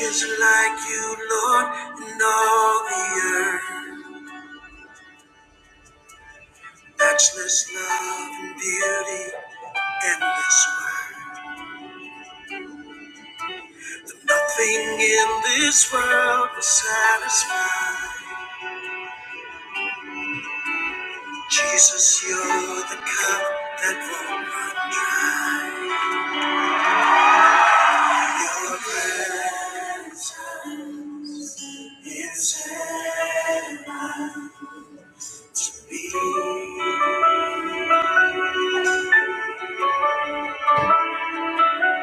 is like you, Lord, in all the earth. Matchless love and beauty, endless word. Nothing in this world will satisfy. Jesus, you're the cup that won't run dry. Your presence is heaven to me.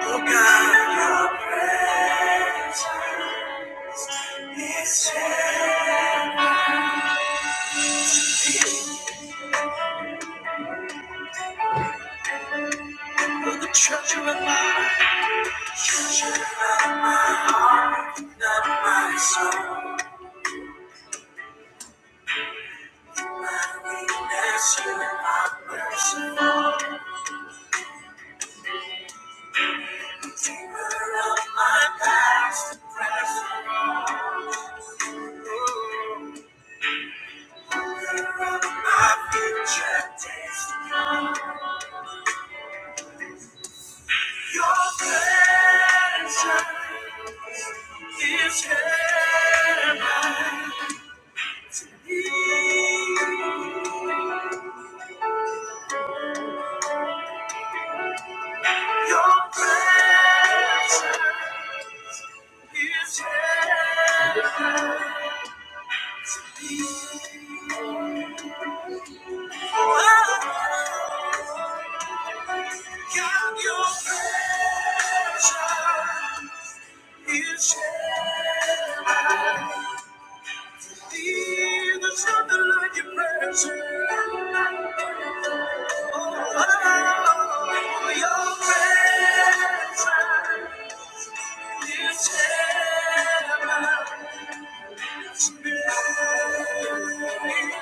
Oh God, your presence is heaven. You're the treasure of my treasure of my, not my soul. My weakness, you are merciful. Keeper of my past and present. Ruler of my future destiny. Your presence is heaven. Your presence is heaven. Count your treasure. It shall be. There's nothing like your presence. Oh, your presence is heaven.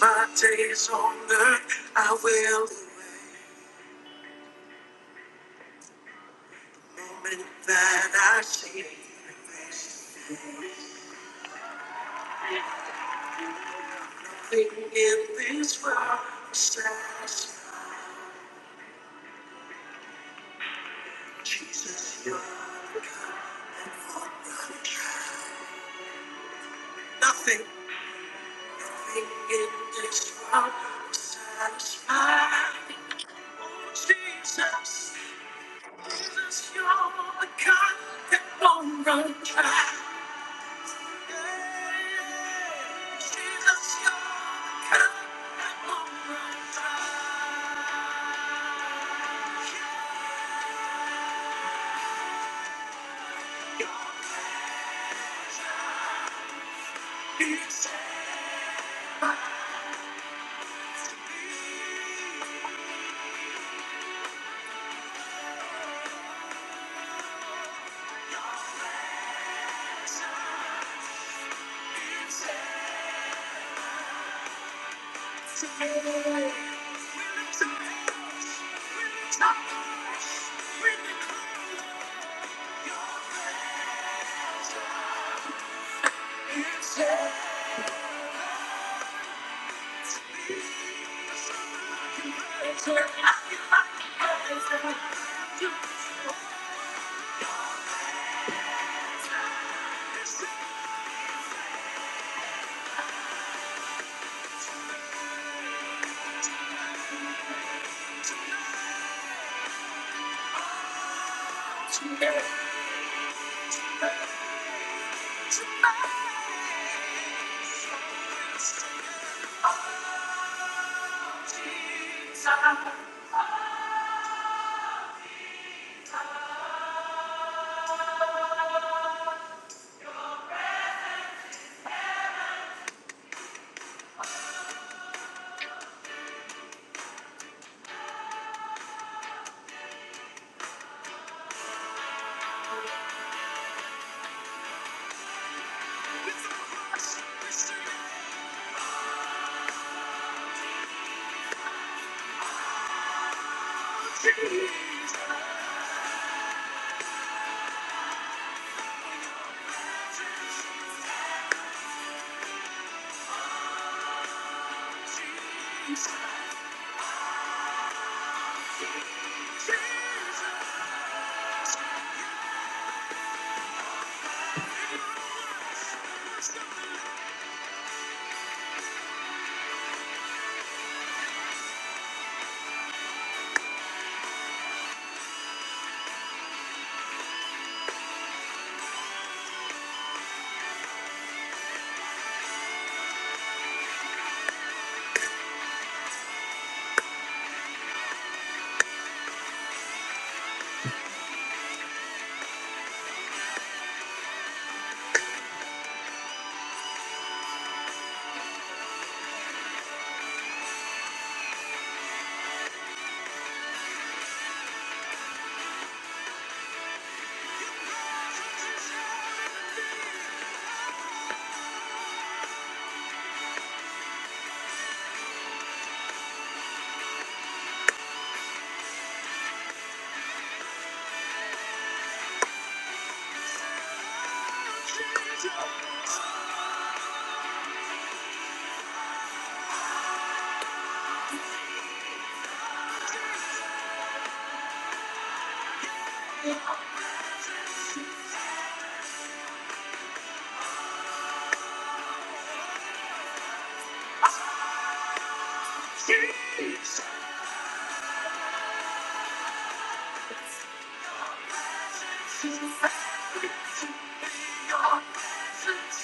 My days on earth, I will do it The moment that I see. you. Nothing in this world satisfies Jesus. you- Nothing in this world satisfies. Oh, Jesus, Jesus, you're the God that won't run dry. Yeah. Jesus, you're the God that won't run dry. Jesus, Jesus, Jesus.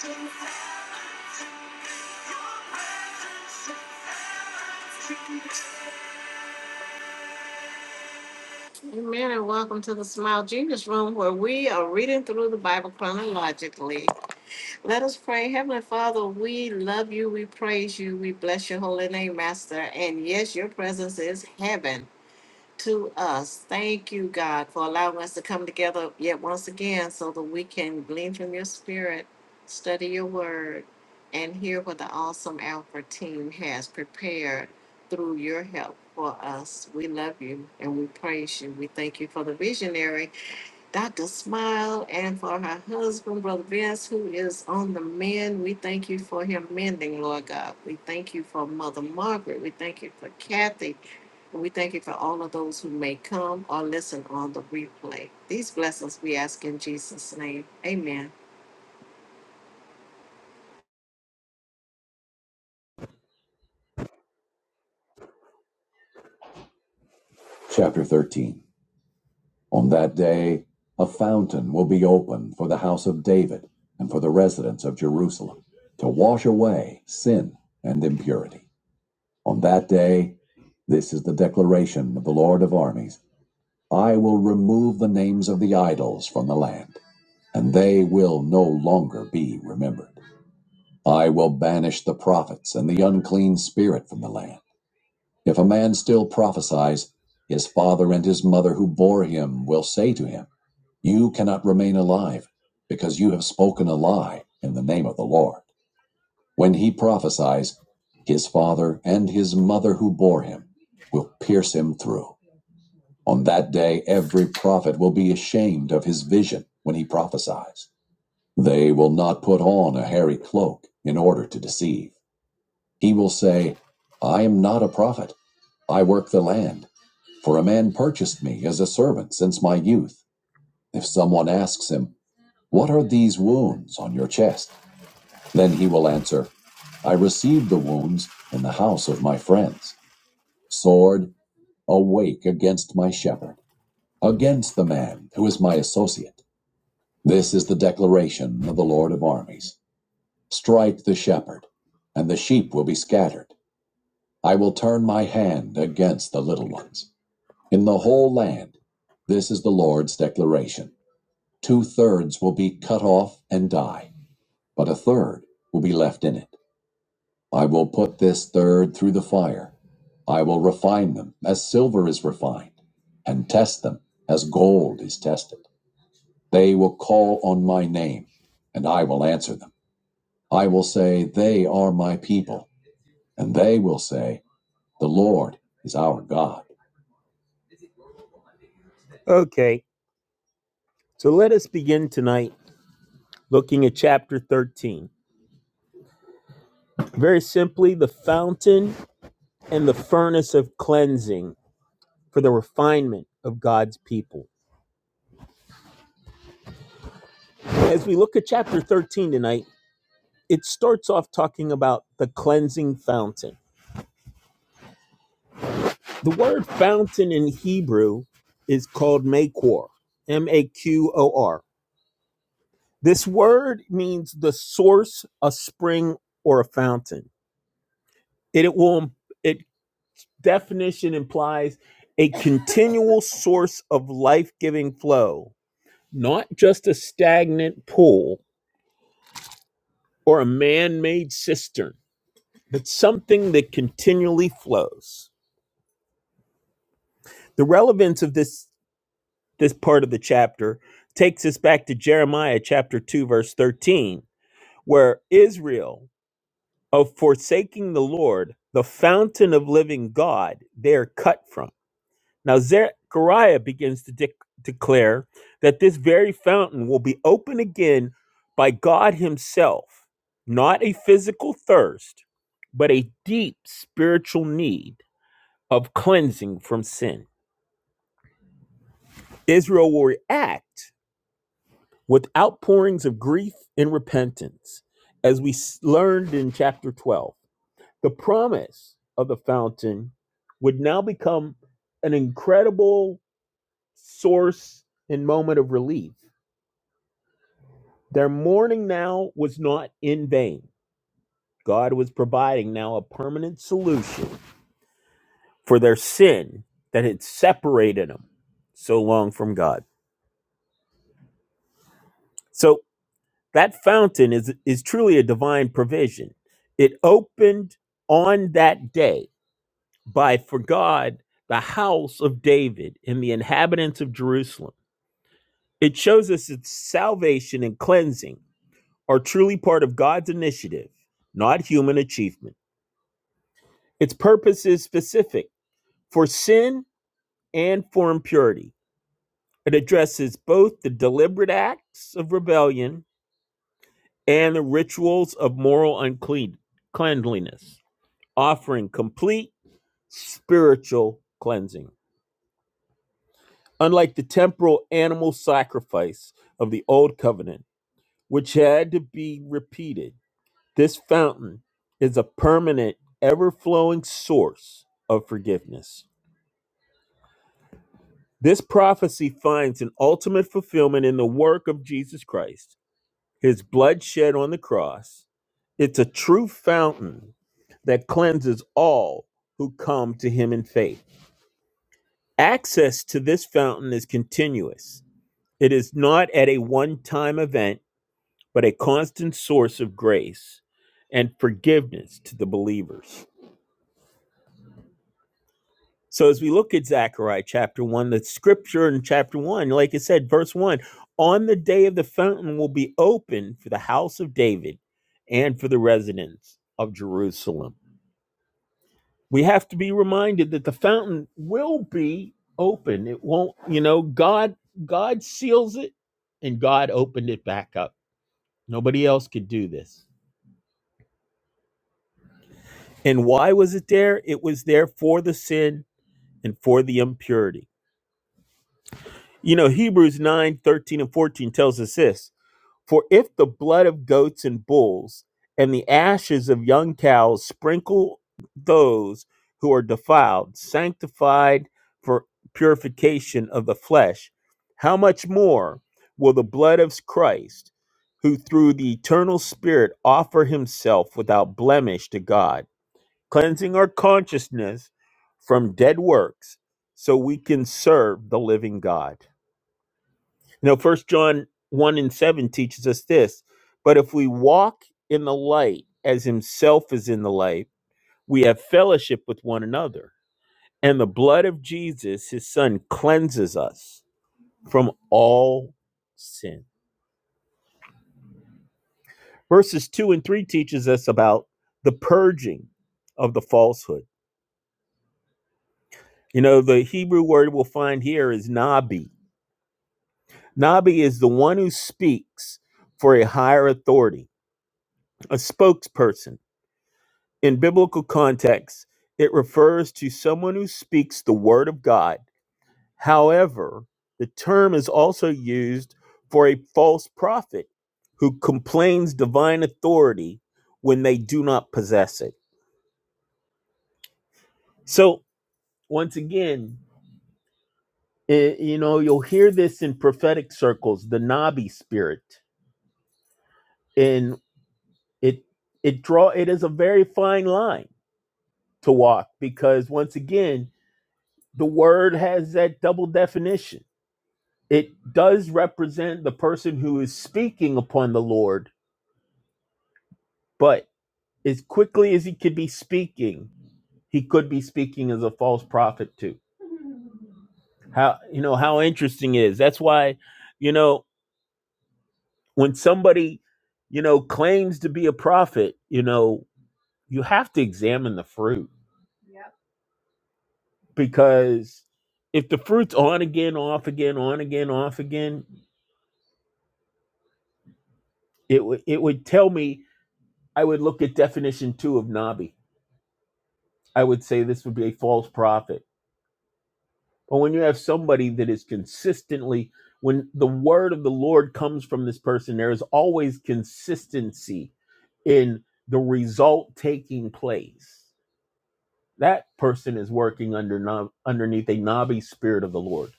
Jesus. Amen, and welcome to the Smile Jesus Room where we are reading through the Bible chronologically. Let us pray. Heavenly Father, we love you, we praise you, we bless your holy name, Master. And yes, your presence is heaven. to us. Thank you, God, for allowing us to come together yet once again so that we can glean from your spirit, study your word, and hear what the awesome Alpha team has prepared through your help for us. We love you and we praise you. We thank you for the visionary Dr. Smile and for her husband, Brother Vince, who is on the mend. We thank you for him mending, Lord God. We thank you for Mother Margaret. We thank you for Kathy. And we thank you for all of those who may come or listen on the replay. These blessings we ask in Jesus' name. Amen. Chapter 13 On that day, a fountain will be opened for the house of David and for the residents of Jerusalem to wash away sin and impurity. On that day, this is the declaration of the Lord of armies I will remove the names of the idols from the land, and they will no longer be remembered. I will banish the prophets and the unclean spirit from the land. If a man still prophesies, his father and his mother who bore him will say to him, You cannot remain alive, because you have spoken a lie in the name of the Lord. When he prophesies, his father and his mother who bore him will pierce him through. On that day, every prophet will be ashamed of his vision when he prophesies. They will not put on a hairy cloak in order to deceive. He will say, I am not a prophet. I work the land. For a man purchased me as a servant since my youth. If someone asks him, What are these wounds on your chest? Then he will answer, I received the wounds in the house of my friends. Sword, awake against my shepherd, against the man who is my associate. This is the declaration of the Lord of armies. Strike the shepherd, and the sheep will be scattered. I will turn my hand against the little ones. In the whole land, this is the Lord's declaration. Two thirds will be cut off and die, but a third will be left in it. I will put this third through the fire. I will refine them as silver is refined, and test them as gold is tested. They will call on my name, and I will answer them. I will say, They are my people, and they will say, The Lord is our God. Okay, so let us begin tonight looking at chapter 13. Very simply, the fountain and the furnace of cleansing for the refinement of God's people. As we look at chapter 13 tonight, it starts off talking about the cleansing fountain. The word fountain in Hebrew is called makor, M A Q O R. This word means the source, a spring, or a fountain. It, it will it definition implies a continual source of life-giving flow, not just a stagnant pool or a man made cistern, but something that continually flows. The relevance of this, this part of the chapter takes us back to Jeremiah chapter 2, verse 13, where Israel, of forsaking the Lord, the fountain of living God, they are cut from. Now Zechariah begins to dec- declare that this very fountain will be open again by God Himself, not a physical thirst, but a deep spiritual need of cleansing from sin. Israel will react with outpourings of grief and repentance, as we s- learned in chapter 12. The promise of the fountain would now become an incredible source and moment of relief Their mourning now was not in vain. God was providing now a permanent solution for their sin that had separated them so long from God. So that fountain is, is truly a divine provision. It opened on that day by, for God, the house of David and the inhabitants of Jerusalem. It shows us that salvation and cleansing are truly part of God's initiative, not human achievement. Its purpose is specific for sin and for impurity. It addresses both the deliberate acts of rebellion and the rituals of moral unclean offering complete spiritual cleansing. Unlike the temporal animal sacrifice of the old covenant, which had to be repeated, this fountain is a permanent, ever flowing source of forgiveness. This prophecy finds an ultimate fulfillment in the work of Jesus Christ, his blood shed on the cross. It's a true fountain that cleanses all who come to him in faith. Access to this fountain is continuous, it is not at a one time event, but a constant source of grace and forgiveness to the believers. So as we look at Zechariah chapter 1, the scripture in chapter 1, like I said, verse 1, on the day of the fountain will be open for the house of David and for the residents of Jerusalem. We have to be reminded that the fountain will be open. It won't, you know, God God seals it and God opened it back up. Nobody else could do this. And why was it there? It was there for the sin and for the impurity You know, Hebrews 9 13 and 14 tells us this For if the blood of goats and bulls and the ashes of young cows sprinkle those who are defiled, sanctified for purification of the flesh, how much more will the blood of Christ, who through the eternal Spirit offer himself without blemish to God, cleansing our consciousness from dead works so we can serve the living God? You know, First John one and seven teaches us this. But if we walk in the light, as Himself is in the light, we have fellowship with one another, and the blood of Jesus, His Son, cleanses us from all sin. Verses two and three teaches us about the purging of the falsehood. You know, the Hebrew word we'll find here is nabi. Nabi is the one who speaks for a higher authority, a spokesperson In biblical context, it refers to someone who speaks the word of God. However, the term is also used for a false prophet who complains divine authority when they do not possess it. So, once again, i- you know, you'll hear this in prophetic circles, the Nabi spirit. And it it draw it is a very fine line to walk because once again, the word has that double definition it does represent the person who is speaking upon the Lord, but as quickly as he could be speaking, he could be speaking as a false prophet too. How you know how interesting it is. That's why, you know, when somebody, you know, claims to be a prophet, you know, you have to examine the fruit because if the fruit's on again, off again, on again, off again, it would it would tell me I would look at definition two of Nabi I would say this would be a false prophet. But when you have somebody that is consistently, when the word of the Lord comes from this person, there is always consistency in the result taking place. That person is working under no- underneath a knobby spirit of the Lord.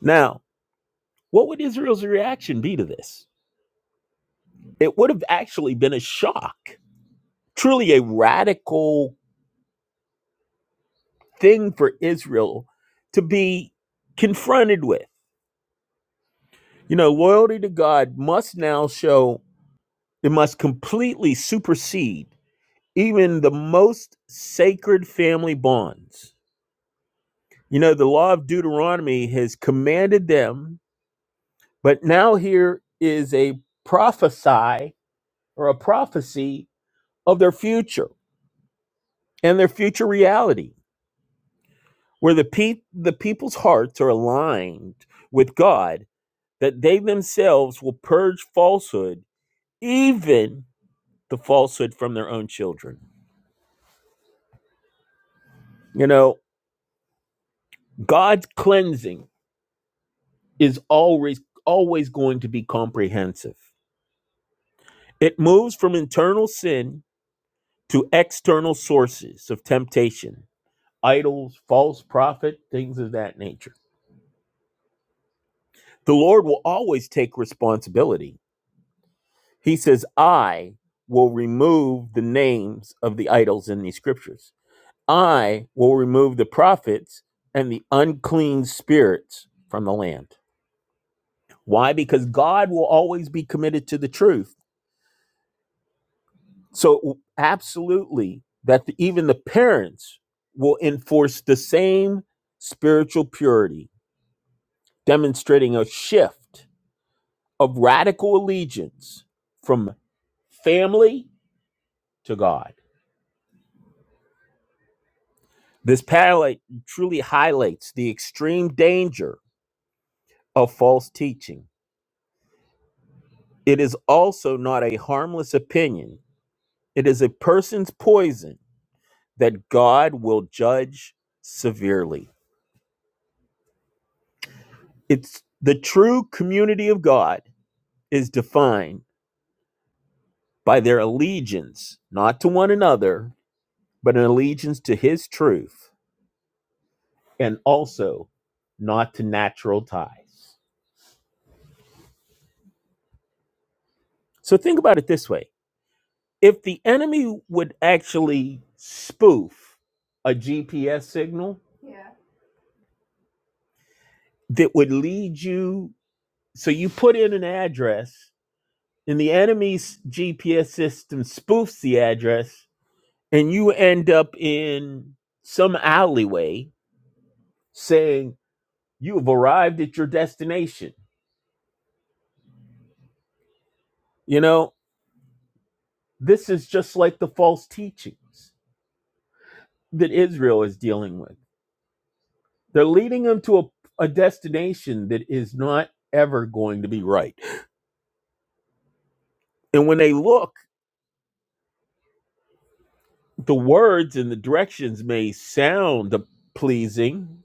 Now, what would Israel's reaction be to this? It would have actually been a shock, truly a radical thing for Israel to be confronted with You know, loyalty to God must now show, it must completely supersede even the most sacred family bonds. You know, the law of Deuteronomy has commanded them, but now here is a prophesy or a prophecy of their future and their future reality, where the, pe- the people's hearts are aligned with God, that they themselves will purge falsehood, even the falsehood from their own children. You know, God's cleansing is always always going to be comprehensive. It moves from internal sin to external sources of temptation, idols, false prophet, things of that nature. The Lord will always take responsibility. He says, "I will remove the names of the idols in these scriptures. I will remove the prophets and the unclean spirits from the land." Why? Because God will always be committed to the truth So absolutely, that the, even the parents will enforce the same spiritual purity, demonstrating a shift of radical allegiance from family to God. This parallel truly highlights the extreme danger of false teaching. It is also not a harmless opinion. It is a person's poison that God will judge severely. It's the true community of God is defined by their allegiance, not to one another, but an allegiance to his truth and also not to natural ties. So think about it this way if the enemy would actually spoof a GPS signal that would lead you, so you put in an address and the enemy's GPS system spoofs the address and you end up in some alleyway saying, You've arrived at your destination. You know, this is just like the false teachings that Israel is dealing with. They're leading them to a, a destination that is not ever going to be right. And when they look, the words and the directions may sound pleasing,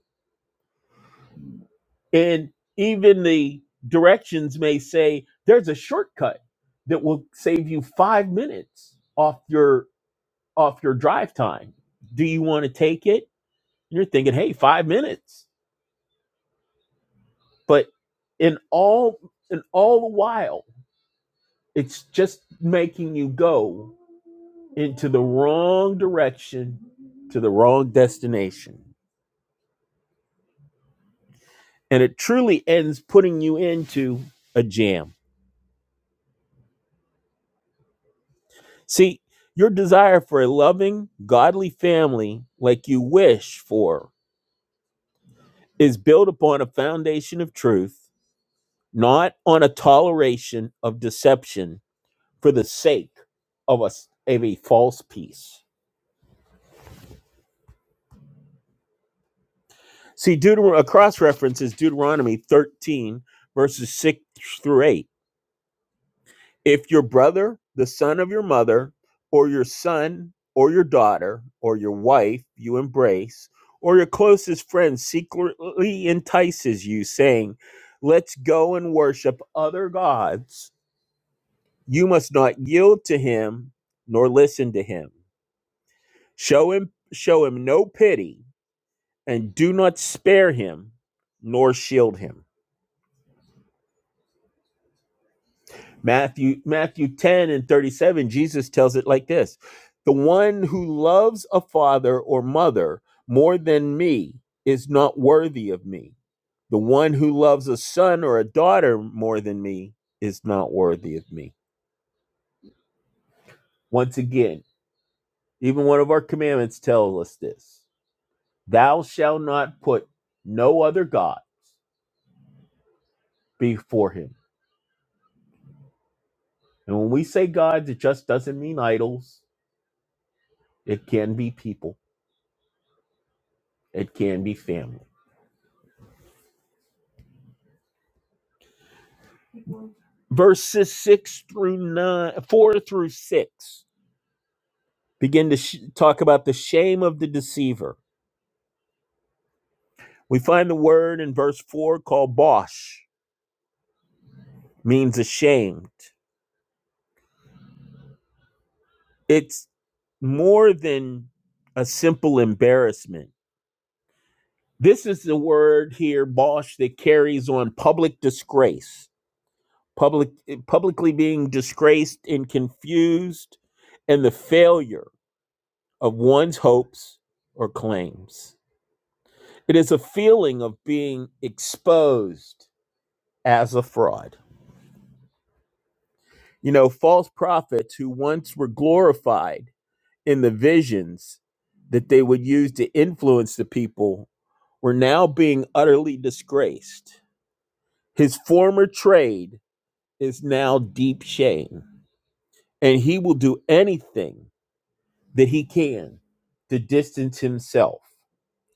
and even the directions may say there's a shortcut that will save you 5 minutes off your off your drive time. Do you want to take it? You're thinking, hey, five minutes. But in all in all the while, it's just making you go into the wrong direction to the wrong destination. And it truly ends putting you into a jam. See, your desire for a loving, godly family like you wish for is built upon a foundation of truth, not on a toleration of deception for the sake of a of a false peace. See, Deuteronomy, a cross reference is Deuteronomy 13, verses 6 through 8. If your brother, the son of your mother, or your son, or your daughter, or your wife you embrace, or your closest friend secretly entices you, saying, Let's go and worship other gods, you must not yield to him nor listen to him. Show him show him no pity and do not spare him nor shield him. Matthew Matthew 10 and 37 Jesus tells it like this. The one who loves a father or mother more than me is not worthy of me. The one who loves a son or a daughter more than me is not worthy of me. Once again, even one of our commandments tells us this. Thou shalt not put no other god before him. And when we say gods, it just doesn't mean idols It can be people. It can be family. Verses six through nine, four through six, begin to sh- talk about the shame of the deceiver. We find the word in verse four called bosh, means ashamed. It's more than a simple embarrassment. This is the word here, bosh, that carries on public disgrace, public publicly being disgraced and confused, and the failure. of one's hopes or claims. It is a feeling of being exposed as a fraud. You know, false prophets who once were glorified in the visions that they would use to influence the people were now being utterly disgraced. His former trade is now deep shame, and he will do anything that he can to distance himself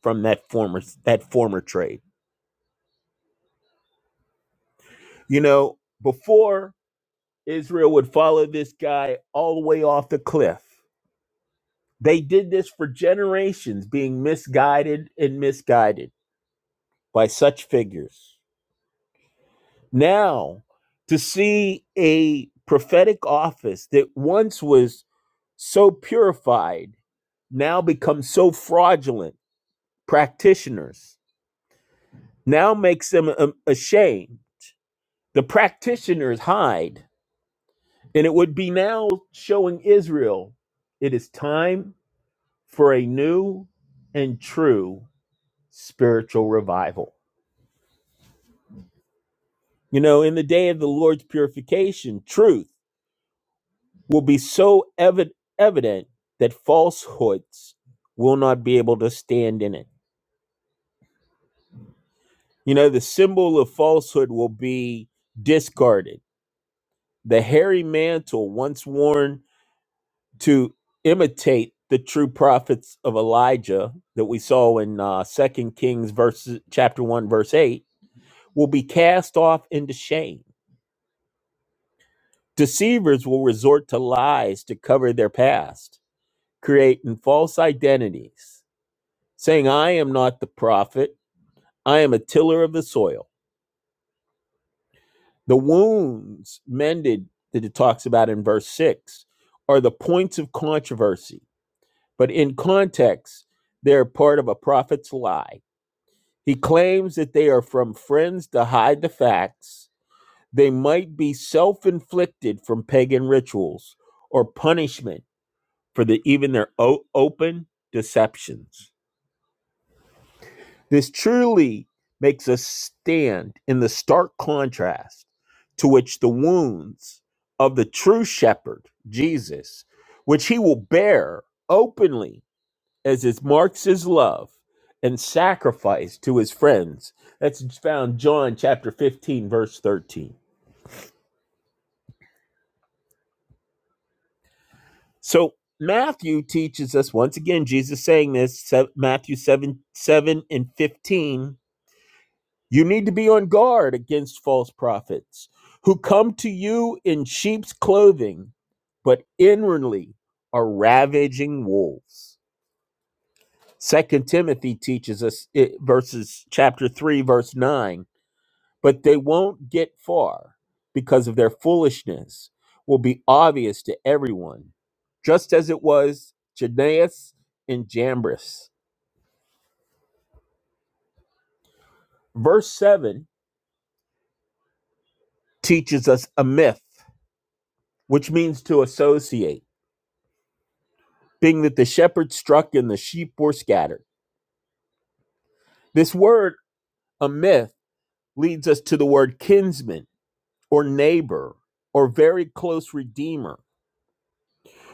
from that former that former trade. You know, before Israel would follow this guy all the way off the cliff, they did this for generations, being misguided and misguided by such figures. Now, to see a prophetic office that once was so purified now becomes so fraudulent, practitioners now makes them um, ashamed. The practitioners hide And it would be now showing Israel it is time for a new and true spiritual revival. You know, in the day of the Lord's purification, truth will be so evi- evident that falsehoods will not be able to stand in it. You know, the symbol of falsehood will be discarded. The hairy mantle once worn to imitate the true prophets of Elijah that we saw in uh, 2 Kings verses, chapter 1, verse 8, will be cast off into shame. Deceivers will resort to lies to cover their past, creating false identities, saying, I am not the prophet, I am a tiller of the soil. The wounds mended that it talks about in verse 6 are the points of controversy, but in context, they're part of a prophet's lie He claims that they are from friends to hide the facts. They might be self inflicted from pagan rituals or punishment for the, even their o- open deceptions. This truly makes us stand in the stark contrast to which the wounds of the true shepherd, Jesus, which he will bear openly as it marks his love and sacrifice to his friends. That's found John chapter 15, verse 13. So Matthew teaches us once again, Jesus saying this, Matthew 7, 7 and 15. You need to be on guard against false prophets who come to you in sheep's clothing, but inwardly are ravaging wolves. Second Timothy teaches us it, verses chapter 3, verse 9. but they won't get far because of their foolishness will be obvious to everyone, just as it was to Jannes and Jambres. Verse 7 teaches us a myth, which means to associate, being that the shepherd struck and the sheep were scattered. This word, a myth, leads us to the word kinsman or neighbor or very close redeemer.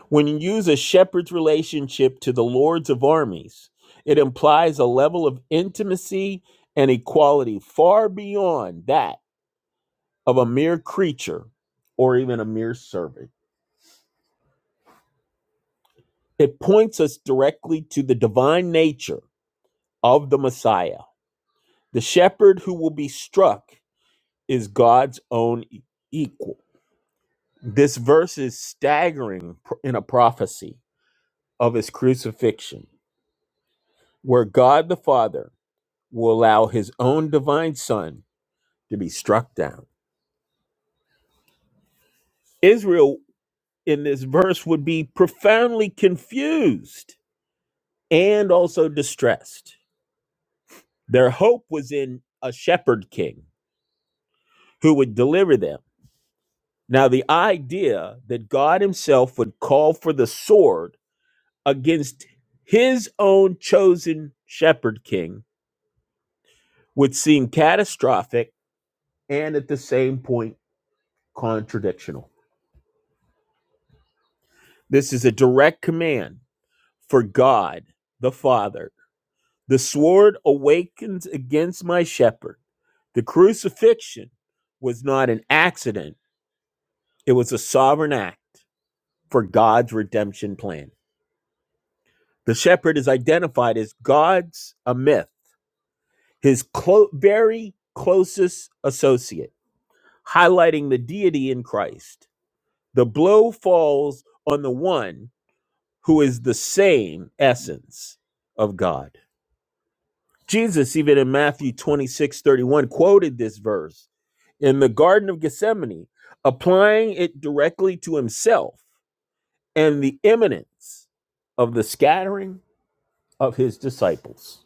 When you use a shepherd's relationship to the lords of armies, it implies a level of intimacy and equality far beyond that of a mere creature or even a mere servant. It points us directly to the divine nature of the Messiah. The shepherd who will be struck is God's own e- equal. This verse is staggering in a prophecy of his crucifixion, where God the Father will allow his own divine son to be struck down. Israel in this verse would be profoundly confused and also distressed. Their hope was in a shepherd king who would deliver them. Now, the idea that God himself would call for the sword against his own chosen shepherd king would seem catastrophic and at the same point contradictional. This is a direct command For God, the Father, the sword awakens against my shepherd. The crucifixion was not an accident, it was a sovereign act for God's redemption plan. The shepherd is identified as God's a myth, his clo- very closest associate, highlighting the deity in Christ. The blow falls on the one who is the same essence of God. Jesus, even in Matthew 26 31, quoted this verse in the Garden of Gethsemane, applying it directly to himself and the imminence of the scattering of his disciples.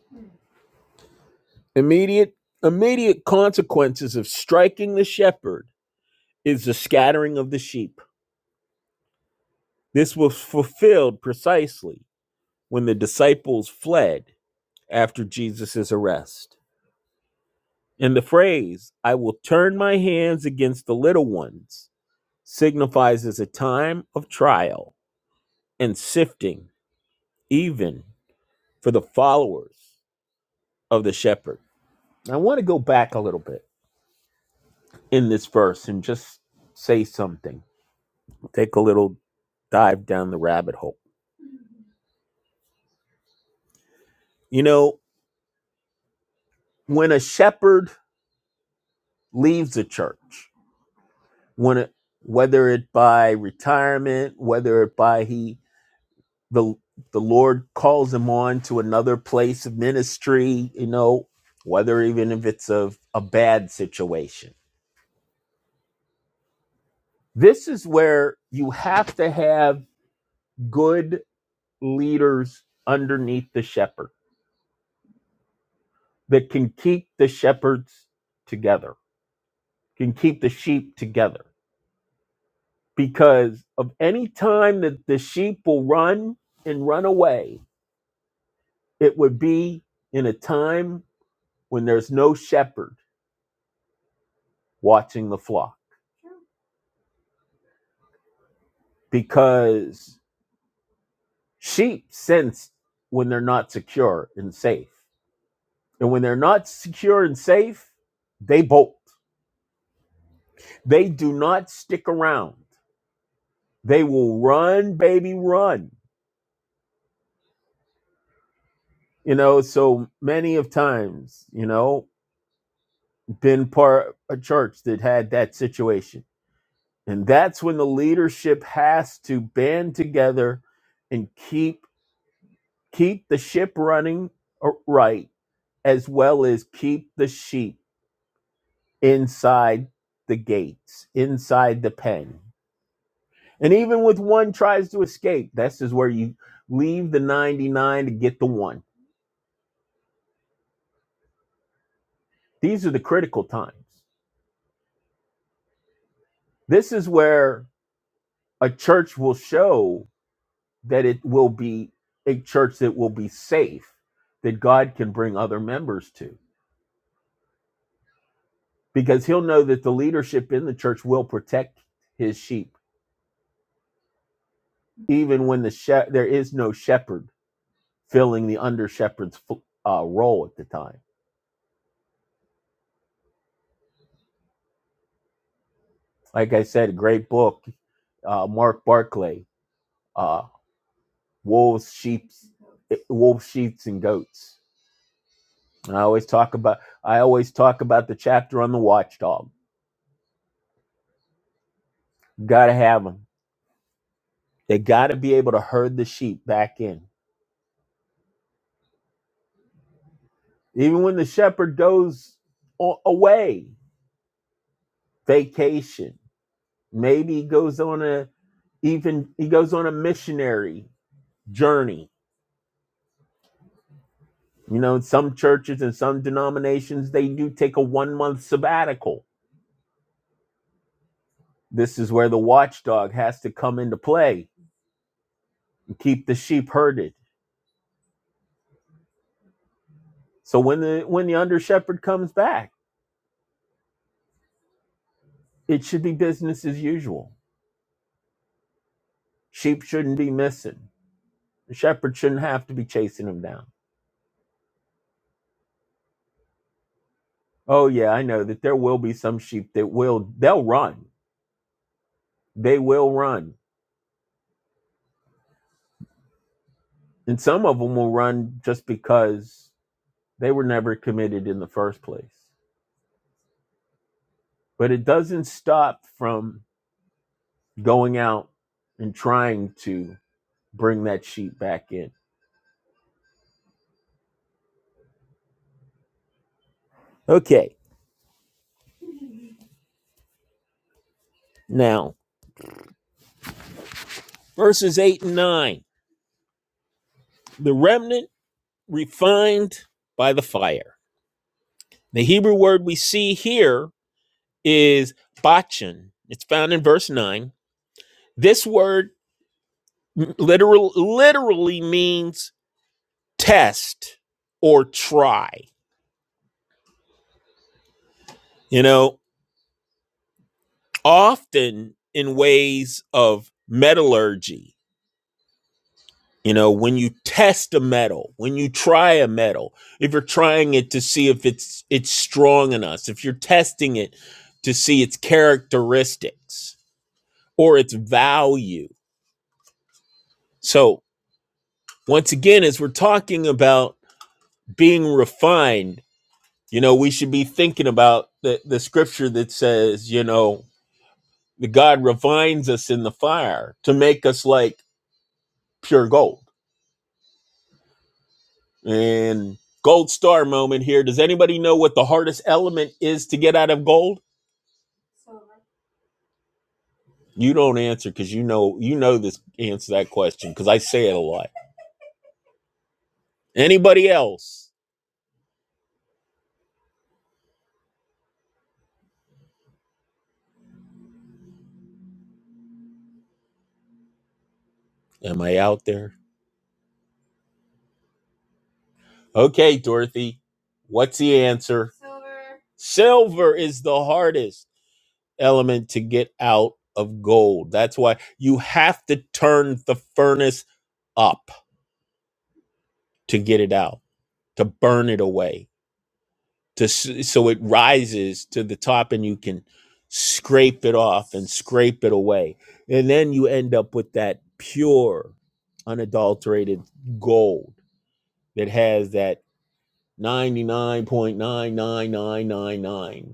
Immediate, immediate consequences of striking the shepherd is the scattering of the sheep. This was fulfilled precisely when the disciples fled after Jesus' arrest. In the phrase, I will turn my hands against the little ones, signifies as a time of trial and sifting, even for the followers of the shepherd. I want to go back a little bit in this verse and just say something, take a little dive down the rabbit hole. You know, when a shepherd leaves a church, when it, whether it by retirement, whether it by he the the Lord calls him on to another place of ministry, you know, whether even if it's a, a bad situation. This is where you have to have good leaders underneath the shepherd that can keep the shepherds together, can keep the sheep together. Because of any time that the sheep will run and run away, it would be in a time when there's no shepherd watching the flock because sheep sense when they're not secure and safe. And when they're not secure and safe, they bolt. They do not stick around. They will run, baby, run. You know, so many of times, you know, been part of a church that had that situation. And that's when the leadership has to band together and keep keep the ship running uh, right as well as keep the sheep inside the gates, inside the pen. And even with one tries to escape, this is where you leave the 99 to get the one. These are the critical times. This is where a church will show that it will be a church that will be safe, that God can bring other members to, because he'll know that the leadership in the church will protect his sheep, even when the she- there is no shepherd filling the under shepherd's uh, role at the time like I said, great book. Uh, Mark Barclay, uh, Wolves, Sheep, Wolves, Sheep, and Goats. And I always talk about I always talk about the chapter on the watchdog. Gotta have them. They gotta be able to herd the sheep back in, even when the shepherd goes a- away, vacation. Maybe he goes on a even he goes on a missionary journey. You know, some churches and some denominations they do take a one month sabbatical This is where the watchdog has to come into play and keep the sheep herded. So when the when the under shepherd comes back, it should be business as usual. Sheep shouldn't be missing. The shepherd shouldn't have to be chasing them down. Oh yeah, I know that there will be some sheep that will they'll run. They will run. And some of them will run just because they were never committed in the first place. But it doesn't stop from going out and trying to bring that sheep back in. Okay, now verses 8 and 9. The remnant refined by the fire. The Hebrew word we see here is bachan. It's found in verse 9. This word literal, literally means test or try. You know, often in ways of metallurgy, You know, when you test a metal, when you try a metal, if you're trying it to see if it's it's strong enough, if you're testing it to see its characteristics or its value. So, once again, as we're talking about being refined, you know, we should be thinking about the, the scripture that says, you know, the God refines us in the fire to make us like pure gold And gold star moment here. Does anybody know what the hardest element is to get out of gold? You don't answer because you know you know this answer that question because I say it a lot. Anybody else? Am I out there? Okay, Dorothy. What's the answer? Silver is the hardest element to get out of gold. That's why you have to turn the furnace up to get it out, to burn it away to so it rises to the top and you can scrape it off and scrape it away and then you end up with that pure unadulterated gold that has that 99.99999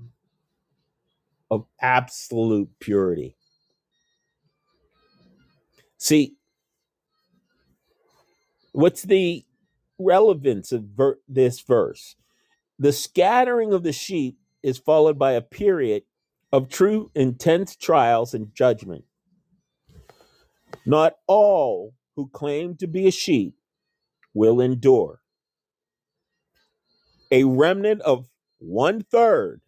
of absolute purity see what's the relevance of ver- this verse the scattering of the sheep is followed by a period of true intense trials and judgment Not all who claim to be a sheep will endure. A remnant of one third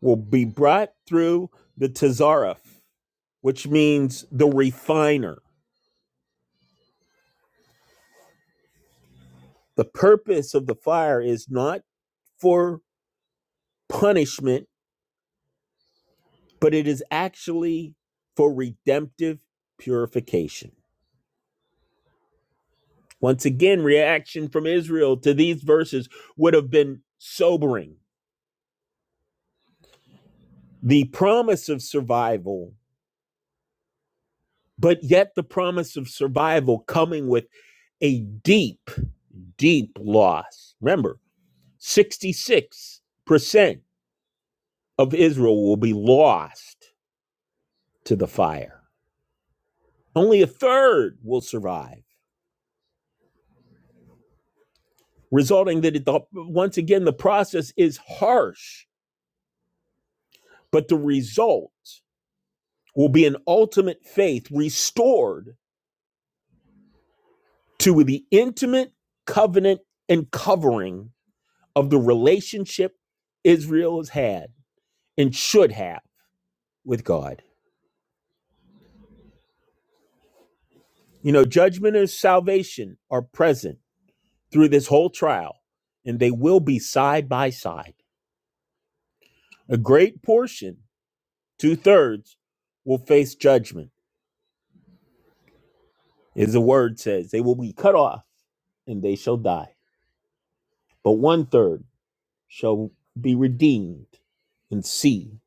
will be brought through the tazareth, which means the refiner. The purpose of the fire is not for punishment, but it is actually for redemptive purification. Once again, reaction from Israel to these verses would have been sobering. The promise of survival but yet the promise of survival coming with a deep, deep loss. Remember, 66% of Israel will be lost to the fire. Only a third will survive, resulting that it, once again the process is harsh, but the result will be an ultimate faith restored to the intimate covenant and covering of the relationship Israel has had and should have with God. You know, judgment and salvation are present through this whole trial, and they will be side by side. A great portion, two thirds, will face judgment, as the word says. They will be cut off and they shall die. But one third shall be redeemed and see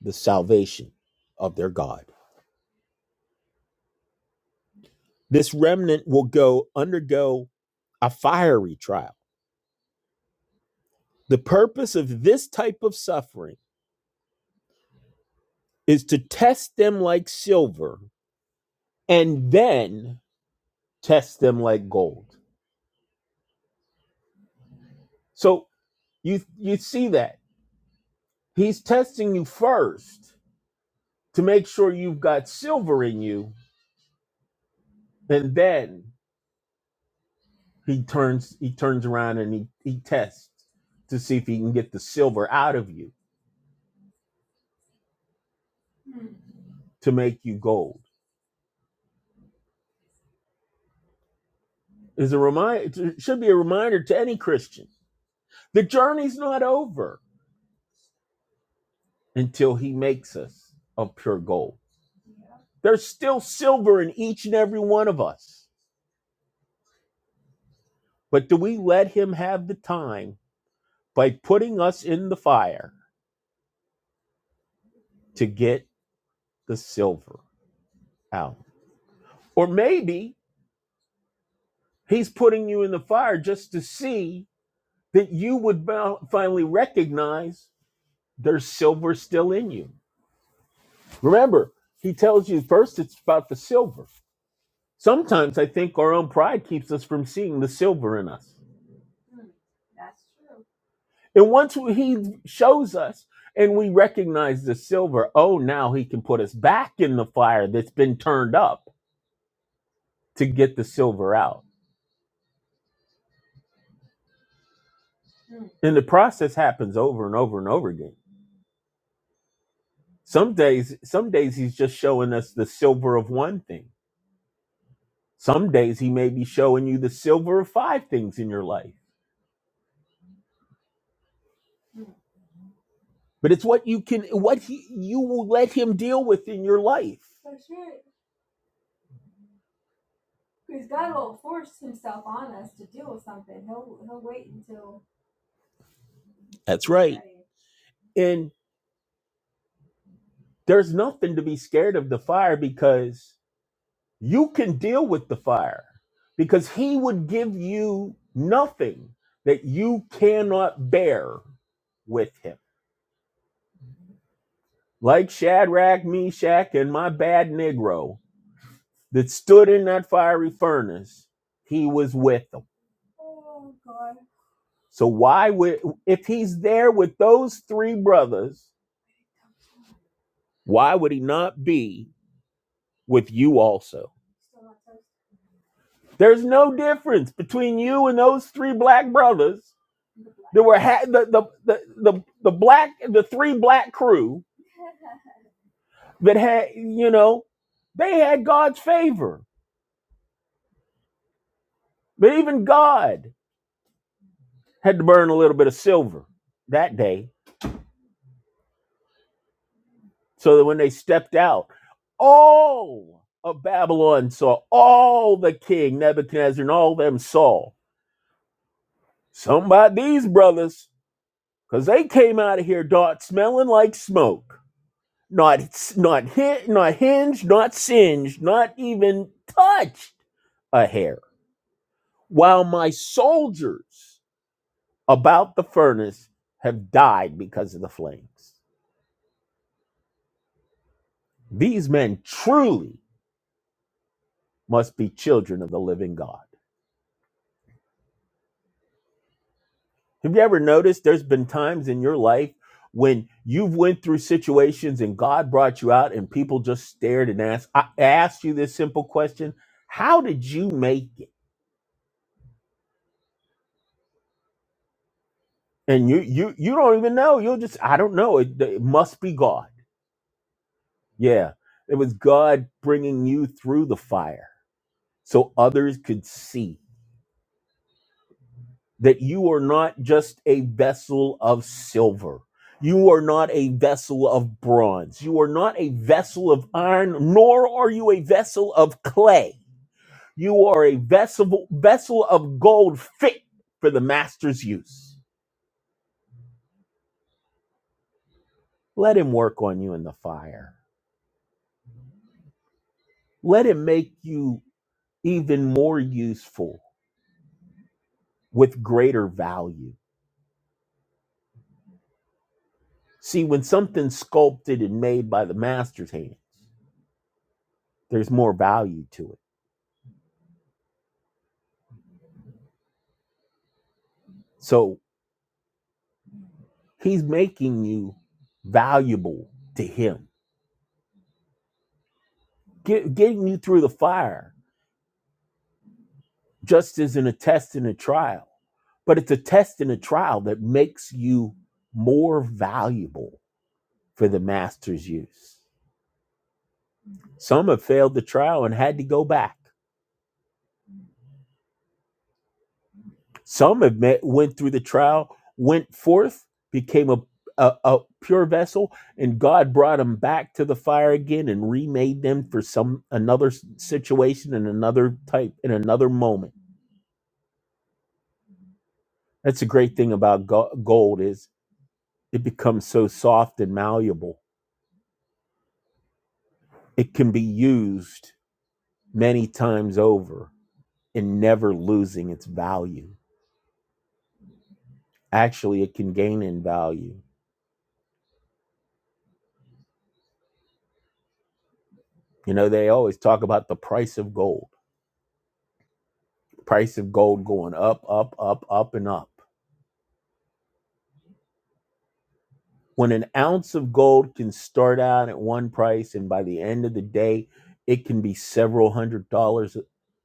the salvation of their God. This remnant will go undergo a fiery trial. The purpose of this type of suffering is to test them like silver and then test them like gold. So you you see that he's testing you first to make sure you've got silver in you and then he turns he turns around and he, he tests to see if he can get the silver out of you to make you gold. Is a reminder it should be a reminder to any Christian. The journey's not over until he makes us of pure gold. There's still silver in each and every one of us. But do we let him have the time by putting us in the fire to get the silver out? Or maybe he's putting you in the fire just to see that you would finally recognize there's silver still in you. Remember, he tells you first it's about the silver. Sometimes I think our own pride keeps us from seeing the silver in us. And once we- he shows us and we recognize the silver, oh, now he can put us back in the fire that's been turned up to get the silver out. And the process happens over and over and over again. Some days, some days he's just showing us the silver of one thing. Some days he may be showing you the silver of five things in your life. But it's what you can, what he, you will let him deal with in your life. That's right. And there's nothing to be scared of the fire because you can deal with the fire because he would give you nothing that you cannot bear with him. Like Shadrach, Meshach, and my bad Negro that stood in that fiery furnace, he was with them. So, why would, if he's there with those three brothers, why would he not be with you also? There's no difference between you and those three black brothers There were ha- the, the the the the black the three black crew that had you know they had God's favor, but even God had to burn a little bit of silver that day, so that when they stepped out, all of Babylon saw all the king Nebuchadnezzar and all them saw something about these brothers because they came out of here dot smelling like smoke not not hit not hinged not singed not even touched a hair, while my soldiers about the furnace have died because of the flames. These men truly must be children of the living God. Have you ever noticed there's been times in your life when you've went through situations and God brought you out and people just stared and asked I asked you this simple question, how did you make it? And you you you don't even know. You'll just I don't know. It, it must be God. Yeah. It was God bringing you through the fire so others could see that you are not just a vessel of silver. You are not a vessel of bronze. You are not a vessel of iron, nor are you a vessel of clay. You are a vessel, vessel of gold fit for the master's use. Let him work on you in the fire. Let him make you even more useful with greater value. See, when something's sculpted and made by the master's hands. there's more value to it. So he's making you valuable to him, get, getting you through the fire just isn't a test and a trial, but it's a test and a trial that makes you more valuable for the master's use. Some have failed the trial and had to go back. Some have met, went through the trial, went forth, became a, a, a pure vessel, and God brought them back to the fire again and remade them for some another s- situation and another type in another moment. That's the great thing about go- gold is it becomes so soft and malleable. It can be used many times over and never losing its value. Actually, it can gain in value. You know, they always talk about the price of gold price of gold going up, up, up, up, and up. When an ounce of gold can start out at one price, and by the end of the day, it can be several hundred dollars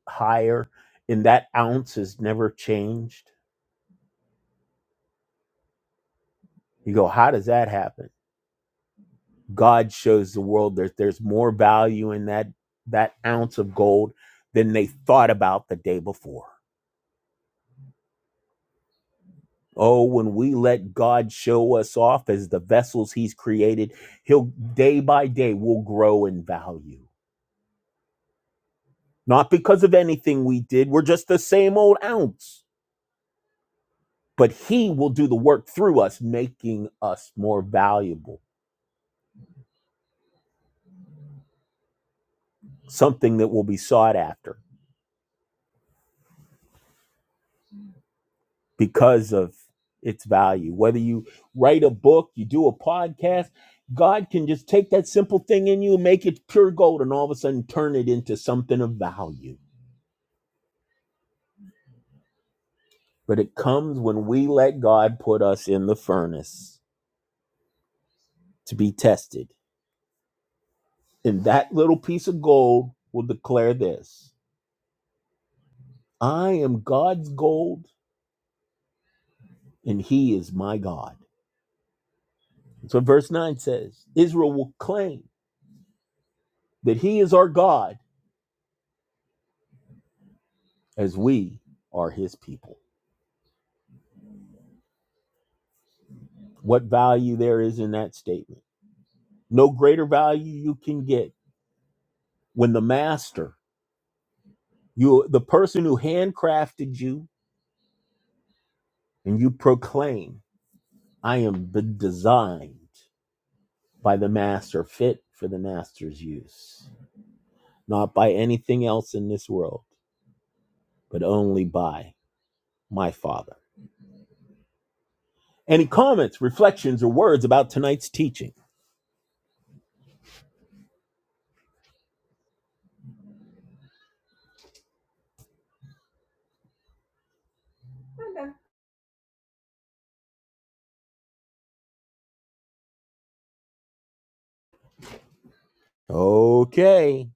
higher, and that ounce has never changed. You go, how does that happen? God shows the world that there's more value in that that ounce of gold than they thought about the day before. Oh, when we let God show us off as the vessels He's created, He'll day by day will grow in value. Not because of anything we did, we're just the same old ounce, but He will do the work through us, making us more valuable, something that will be sought after because of its value. Whether you write a book, you do a podcast, God can just take that simple thing in you and make it pure gold and all of a sudden turn it into something of value but it comes when we let God put us in the furnace to be tested. And that little piece of gold will declare this I am God's gold, and He is my God. That's what verse 9 says. Israel will claim that He is our God as we are His people. What value there is in that statement? No greater value you can get when the master, you, the person who handcrafted you, and you proclaim. I am designed by the master, fit for the master's use, not by anything else in this world, but only by my Father. Any comments, reflections, or words about tonight's teaching? Okay.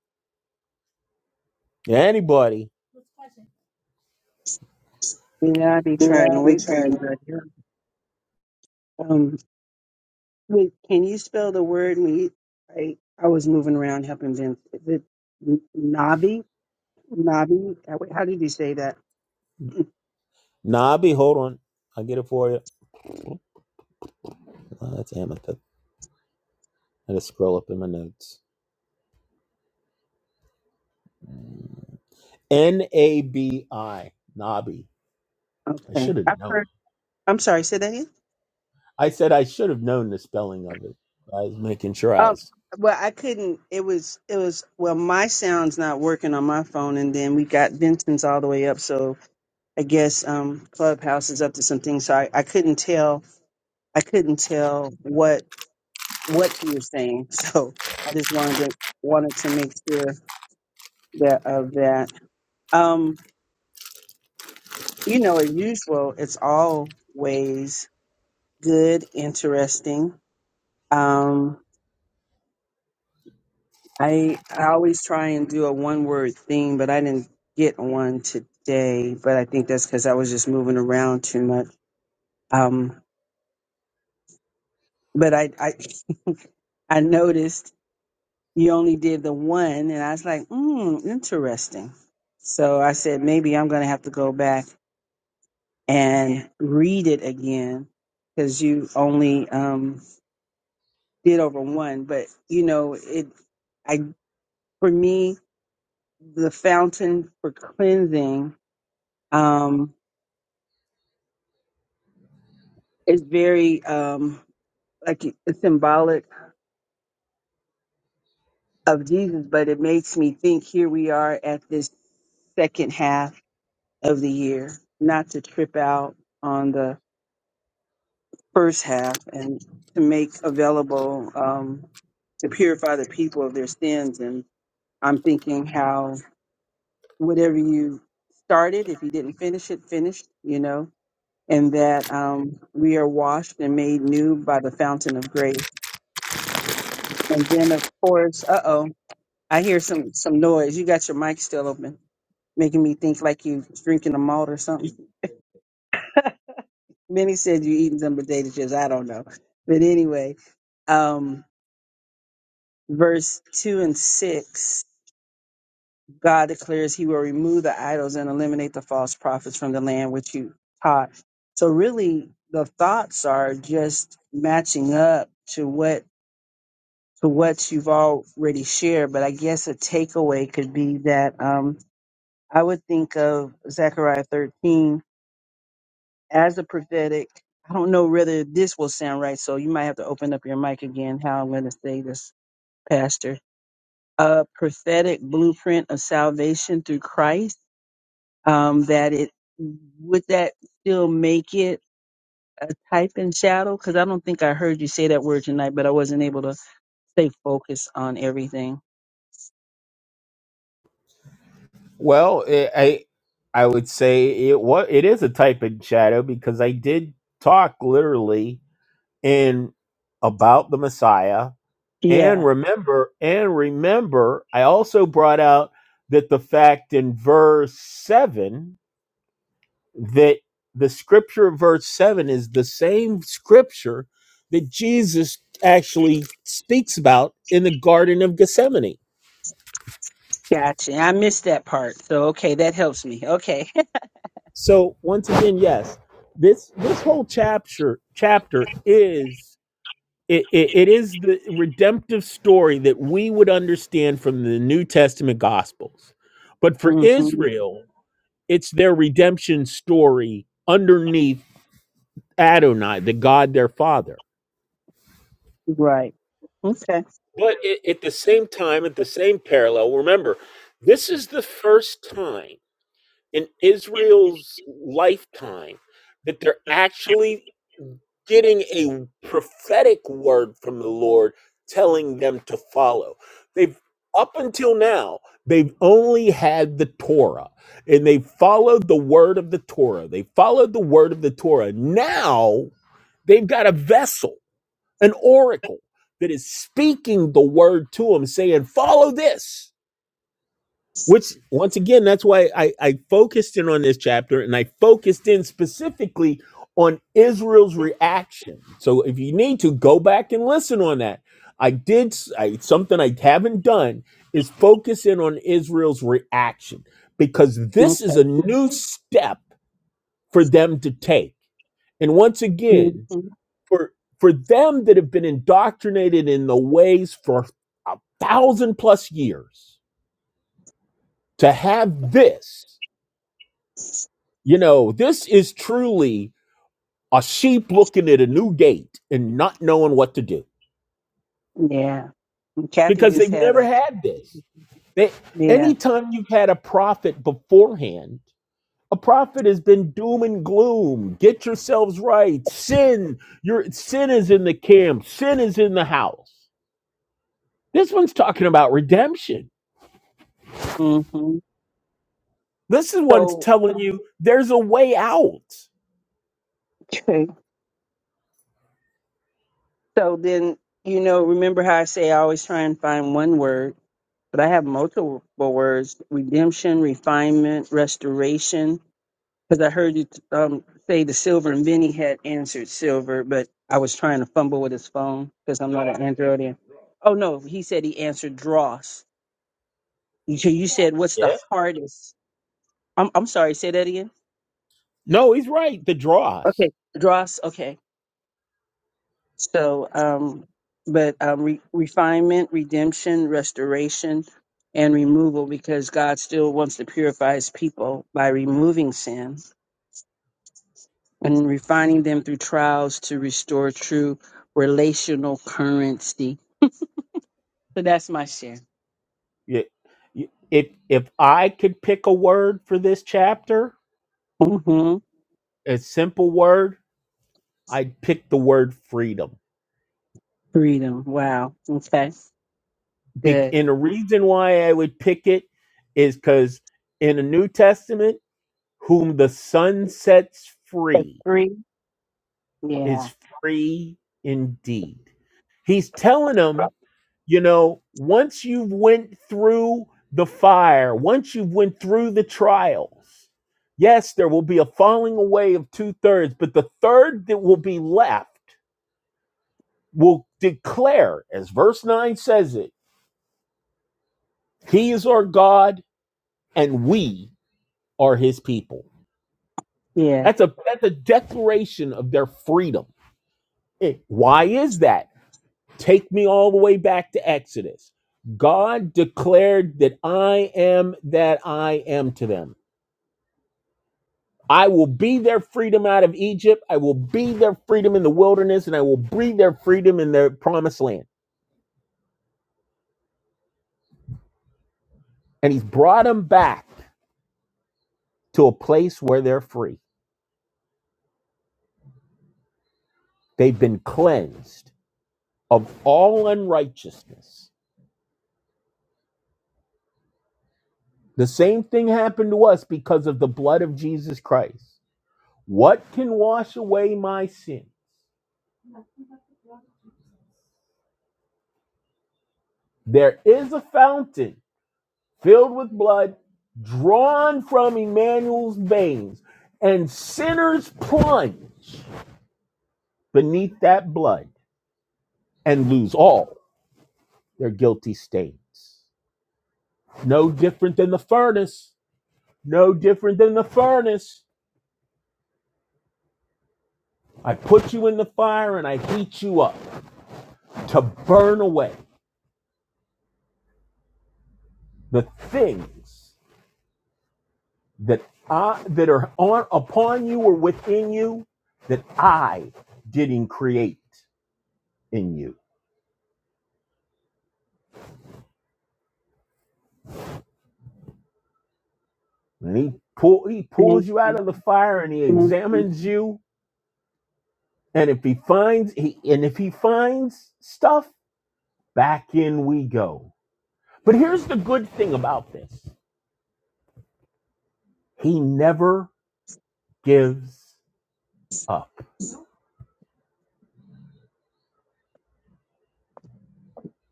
Anybody? You know, I'd be trying Yeah, to I'm wait for trying. everybody. Um, wait, can you spell the word? Me, I, I was moving around helping Vince. Is it N- Nabi? Nabi? How how did you say that? Nabi, hold on. I'll get it for you. Oh, that's amethyst. I just scroll up in my notes. N A B I. Nabi. I Okay, should have I've known. heard. I'm sorry. Say that again. I said I should have known the spelling of it. I was making sure. Um, I well, I couldn't. It was. It was. Well, my sound's not working on my phone, and then we got Vincent's all the way up. So I guess um, Clubhouse is up to something. So I, I couldn't tell. I couldn't tell what. what you were saying. So I just wanted to wanted to make sure that of that. Um, you know, as usual, it's always good, interesting. Um, I I always try and do a one word theme, but I didn't get one today. But I think that's because I was just moving around too much. Um, but I I I noticed you only did the one and i was like mm, interesting so i said maybe i'm going to have to go back and read it again because you only um, did over one but you know it i for me the fountain for cleansing um, is very um, like it's symbolic of jesus but it makes me think here we are at this second half of the year not to trip out on the first half and to make available um, to purify the people of their sins. And I'm thinking how whatever you started, if you didn't finish it, finished, you know, and that um, we are washed and made new by the fountain of grace. And then, of course, uh oh, I hear some some noise. You got your mic still open, making me think like you drinking a malt or something. Many said you eating some potatoes. I don't know, but anyway. um, verse 2 and 6, God declares he will remove the idols and eliminate the false prophets from the land which you taught. So really the thoughts are just matching up to what to what you've already shared, but I guess a takeaway could be that um I would think of Zechariah 13 as a prophetic. I don't know whether this will sound right, so you might have to open up your mic again how I'm going to say this, Pastor a prophetic blueprint of salvation through Christ, um, that it would that still make it a type and shadow? Because I don't think I heard you say that word tonight, but I wasn't able to stay focused on everything. Well, it, I I would say it what it is a type of shadow because I did talk literally in about the Messiah and Yeah, remember and remember I also brought out that the fact in verse 7 that the scripture of verse 7 is the same scripture that Jesus actually speaks about in the garden of Gethsemane gotcha. I missed that part, so okay, that helps me. Okay, So once again, yes, this this whole chapter chapter is it, it, it is the redemptive story that we would understand from the New Testament Gospels, but for hmm Israel, it's their redemption story underneath Adonai, the God their Father. right. Okay. But it, at the same time, at the same parallel, remember, this is the first time in Israel's lifetime that they're actually getting a prophetic word from the Lord telling them to follow. They've up until now, they've only had the Torah and they followed the word of the Torah. They followed the word of the Torah. Now they've got a vessel, an oracle that is speaking the word to them, saying, Follow this. Which, once again, that's why I, I focused in on this chapter and I focused in specifically on Israel's reaction. So if you need to, go back and listen on that. I did s- I, something I haven't done is focus in on Israel's reaction because this is Okay. a new step for them to take. And once hmm again, for for them that have been indoctrinated in the ways for a thousand plus years to have this You know, this is truly a sheep looking at a new gate and not knowing what to do Yeah. Kathy because just they've had never a had this. They, yeah. anytime you've had a prophet beforehand, a prophet has been doom and gloom. Get yourselves right. Sin, your sin is in the camp. Sin is in the house. This one's talking about redemption. hmm This is one's So telling you there's a way out. So then, you know, remember how I say I always try and find one word, but I have multiple words redemption, refinement, restoration. Because I heard you um, say the silver, and Vinny had answered silver, but I was trying to fumble with his phone because I'm not an Androidian. Oh, no, he said he answered dross. So you said, What's the Yeah. hardest? I'm, I'm sorry, say that again. No, he's right. The dross. Okay, dross. Okay So, um, but um, re- refinement, redemption, restoration, and removal, because God still wants to purify His people by removing sin and refining them through trials to restore true relational currency. So that's my share. Y- y- If if I could pick a word for this chapter, Mm-hmm. a simple word, I'd pick the word freedom. Freedom. Wow. Okay. Be- Good. and the reason why I would pick it is because in the New Testament, whom the Son sets That's free. Free. Yeah. is free indeed. He's telling them, you know, once you've went through the fire, once you've went through the trials, yes, there will be a falling away of two thirds, but the third that will be left will declare, as verse 9 says it, he is our God and we are his people. Yeah. That's a that's a declaration of their freedom. Eh, Why is that? Take me all the way back to Exodus. God declared that I am that I am to them. I will be their freedom out of Egypt. I will be their freedom in the wilderness, and I will be their freedom in their promised land. And he's brought them back to a place where they're free. They've been cleansed of all unrighteousness. The same thing happened to us because of the blood of Jesus Christ. What can wash away my sin? There is a fountain filled with blood, drawn from Emmanuel's veins, and sinners plunge beneath that blood and lose all their guilty stains. No different than the furnace. No different than the furnace. I put you in the fire and I heat you up to burn away the things that I, that are on upon you or within you that I didn't create in you. And he pull he Thank pulls you out you. of the fire and he examines you. And if he finds he and if he finds stuff, back in we go. But here's the good thing about this. He never gives up.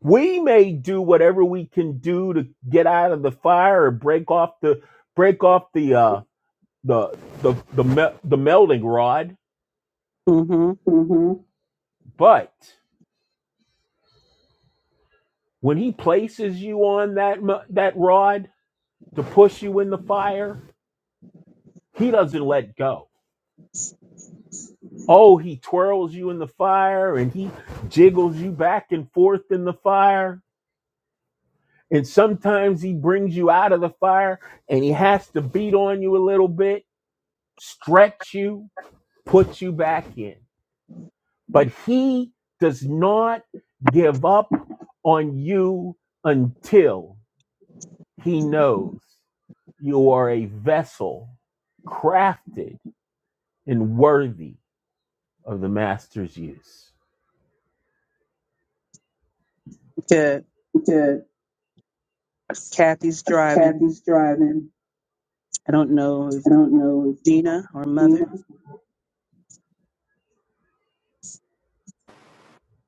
We may do whatever we can do to get out of the fire or break off the break off the uh the the the, me- the melding rod, Mm-hmm. Mm-hmm. but when he places you on that mu- that rod to push you in the fire, He doesn't let go. Oh, he twirls you in the fire and he jiggles you back and forth in the fire. And sometimes he brings you out of the fire and he has to beat on you a little bit, stretch you, put you back in. But he does not give up on you until he knows you are a vessel crafted and worthy of the master's use. Good. Good. Kathy's driving. Kathy's driving. I don't know if I don't know if Gina or Mother. Dina.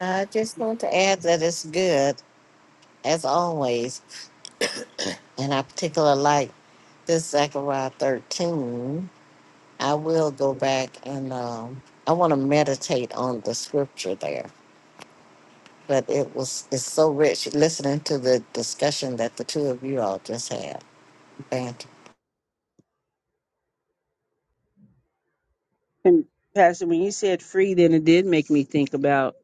I just want to add that it's good, as always, and I particularly like this Zechariah 13. I will go back and um, I want to meditate on the scripture there. But it was it's so rich listening to the discussion that the two of you all just had. Thank you. And Pastor, when you said free, then it did make me think about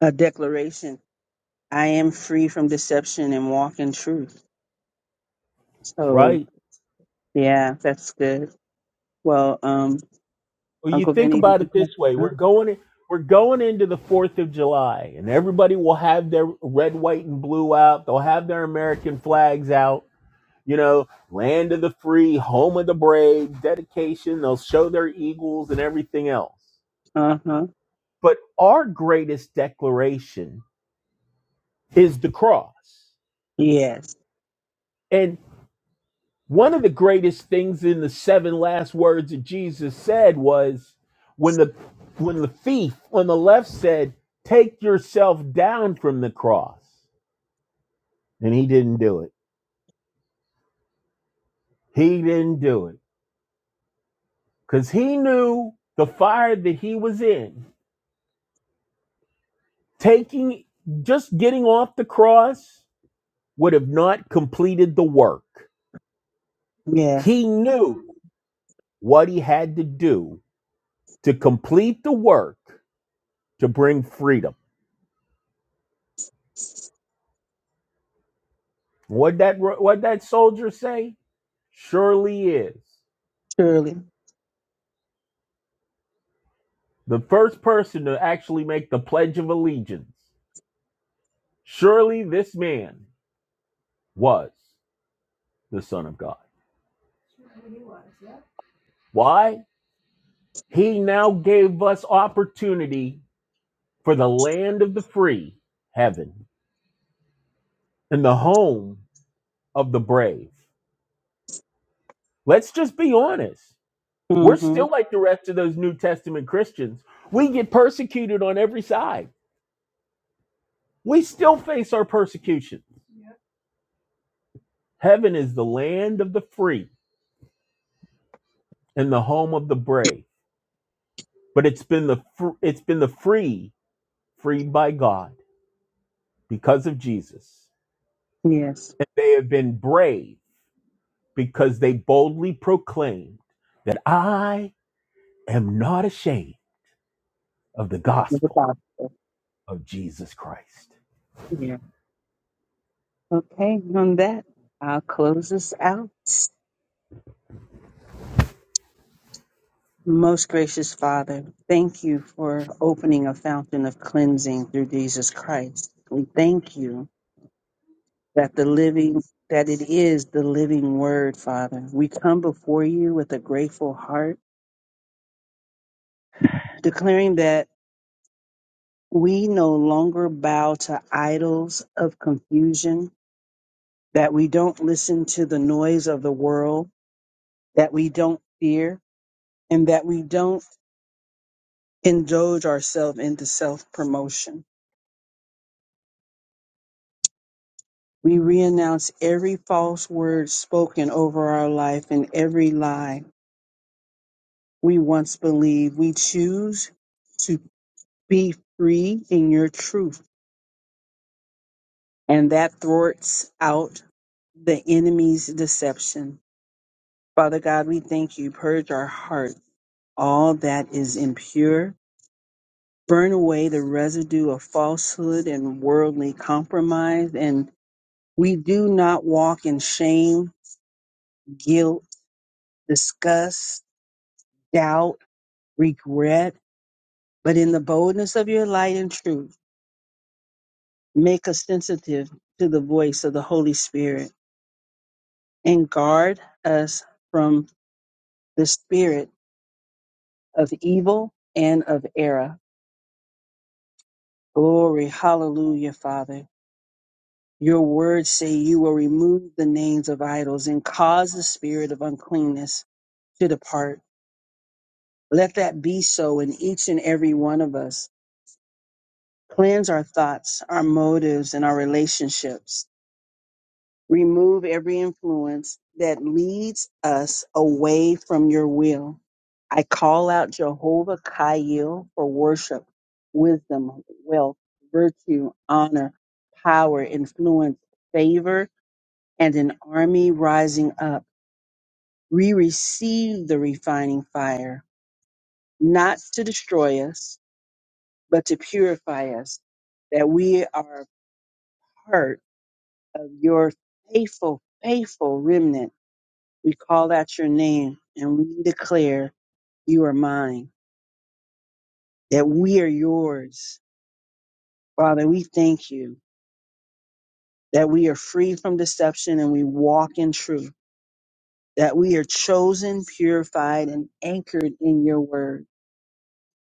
a declaration. I am free from deception and walk in truth. That's So right. yeah, that's good. Well, um, Well, you Uncle think Vinny, did about it you this way: have we're going, in, we're going into the Fourth of July, and everybody will have their red, white, and blue out. They'll have their American flags out. You know, land of the free, home of the brave, dedication. They'll show their eagles and everything else. uh huh. But our greatest declaration is the cross. Yes. and. One of the greatest things in the seven last words that Jesus said was when the when the thief on the left said, "Take yourself down from the cross." And he didn't do it. He didn't do it cuz he knew the fire that he was in. Taking just getting off the cross would have not completed the work. Yeah. He knew what he had to do to complete the work to bring freedom. What that what that soldier say surely is Surely. the first person to actually make the pledge of allegiance. Surely this man was the son of God. Why? He now gave us opportunity for the land of the free, heaven, and the home of the brave. Let's just be honest. We're still Mm-hmm. like the rest of those New Testament Christians. We get persecuted on every side. We still face our persecution Heaven is the land of the free and the home of the brave. But it's been the fr- it's been the free freed by God because of Jesus. Yes. And they have been brave because they boldly proclaimed that I am not ashamed of the With the gospel gospel. of Jesus Christ. Yeah. Okay. On that, I'll close us out. Most gracious Father, thank you for opening a fountain of cleansing through Jesus Christ. We thank you that the living that it is the living word father we come before you with a grateful heart declaring that we no longer bow to idols of confusion that we don't listen to the noise of the world that we don't fear and that we don't indulge ourselves into self-promotion we renounce every false word spoken over our life and every lie we once believed we choose to. Be free in your truth, and that thwarts out the enemy's deception. Father God, we thank you. Purge our heart, all that is impure. Burn away the residue of falsehood and worldly compromise. And we do not walk in shame, guilt, disgust, doubt, regret, but in the boldness of your light and truth, make us sensitive to the voice of the Holy Spirit and guard us from the spirit of evil and of error. Glory, hallelujah, Father. Your words say you will remove the names of idols and cause the spirit of uncleanness to depart. Let that be so in each and every one of us. Cleanse our thoughts, our motives, and our relationships Remove every influence that leads us away from your will. I call out Jehovah Kaiel for worship, wisdom, wealth, virtue, honor, power, influence, favor, and an army rising up. We receive the refining fire, not to destroy us, but to purify us, that we are a part of your faithful, faithful remnant We call out your name and we declare you are mine, that we are yours. Father, we thank you that we are free from deception and we walk in truth, that we are chosen, purified, and anchored in your word.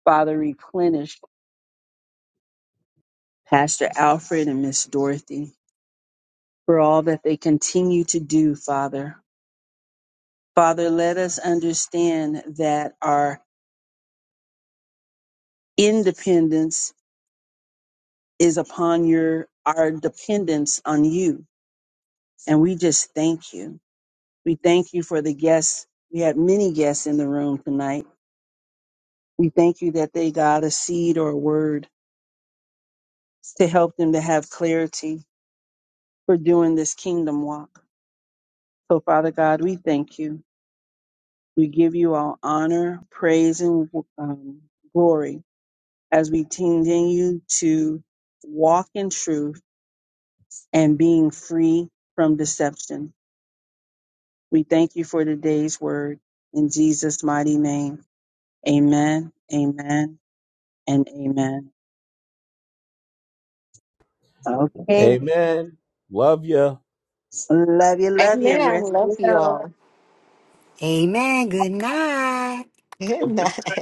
Father, replenish Pastor Alfred and Miss Dorothy for all that they continue to do, Father. Father, let us understand that our independence is upon your our dependence on you And we just thank you. We thank you for the guests. We had many guests in the room tonight. We thank you that they got a seed or a word to help them to have clarity for doing this kingdom walk. So, Father God, we thank you. We give you all honor, praise, and um, glory as we continue to walk in truth and being free from deception. We thank you for today's word. In Jesus' mighty name, amen, amen, and amen. Okay. Amen. Love you. Love you, love you. Amen. I Rest love you all. well. Amen. Good night. Good night.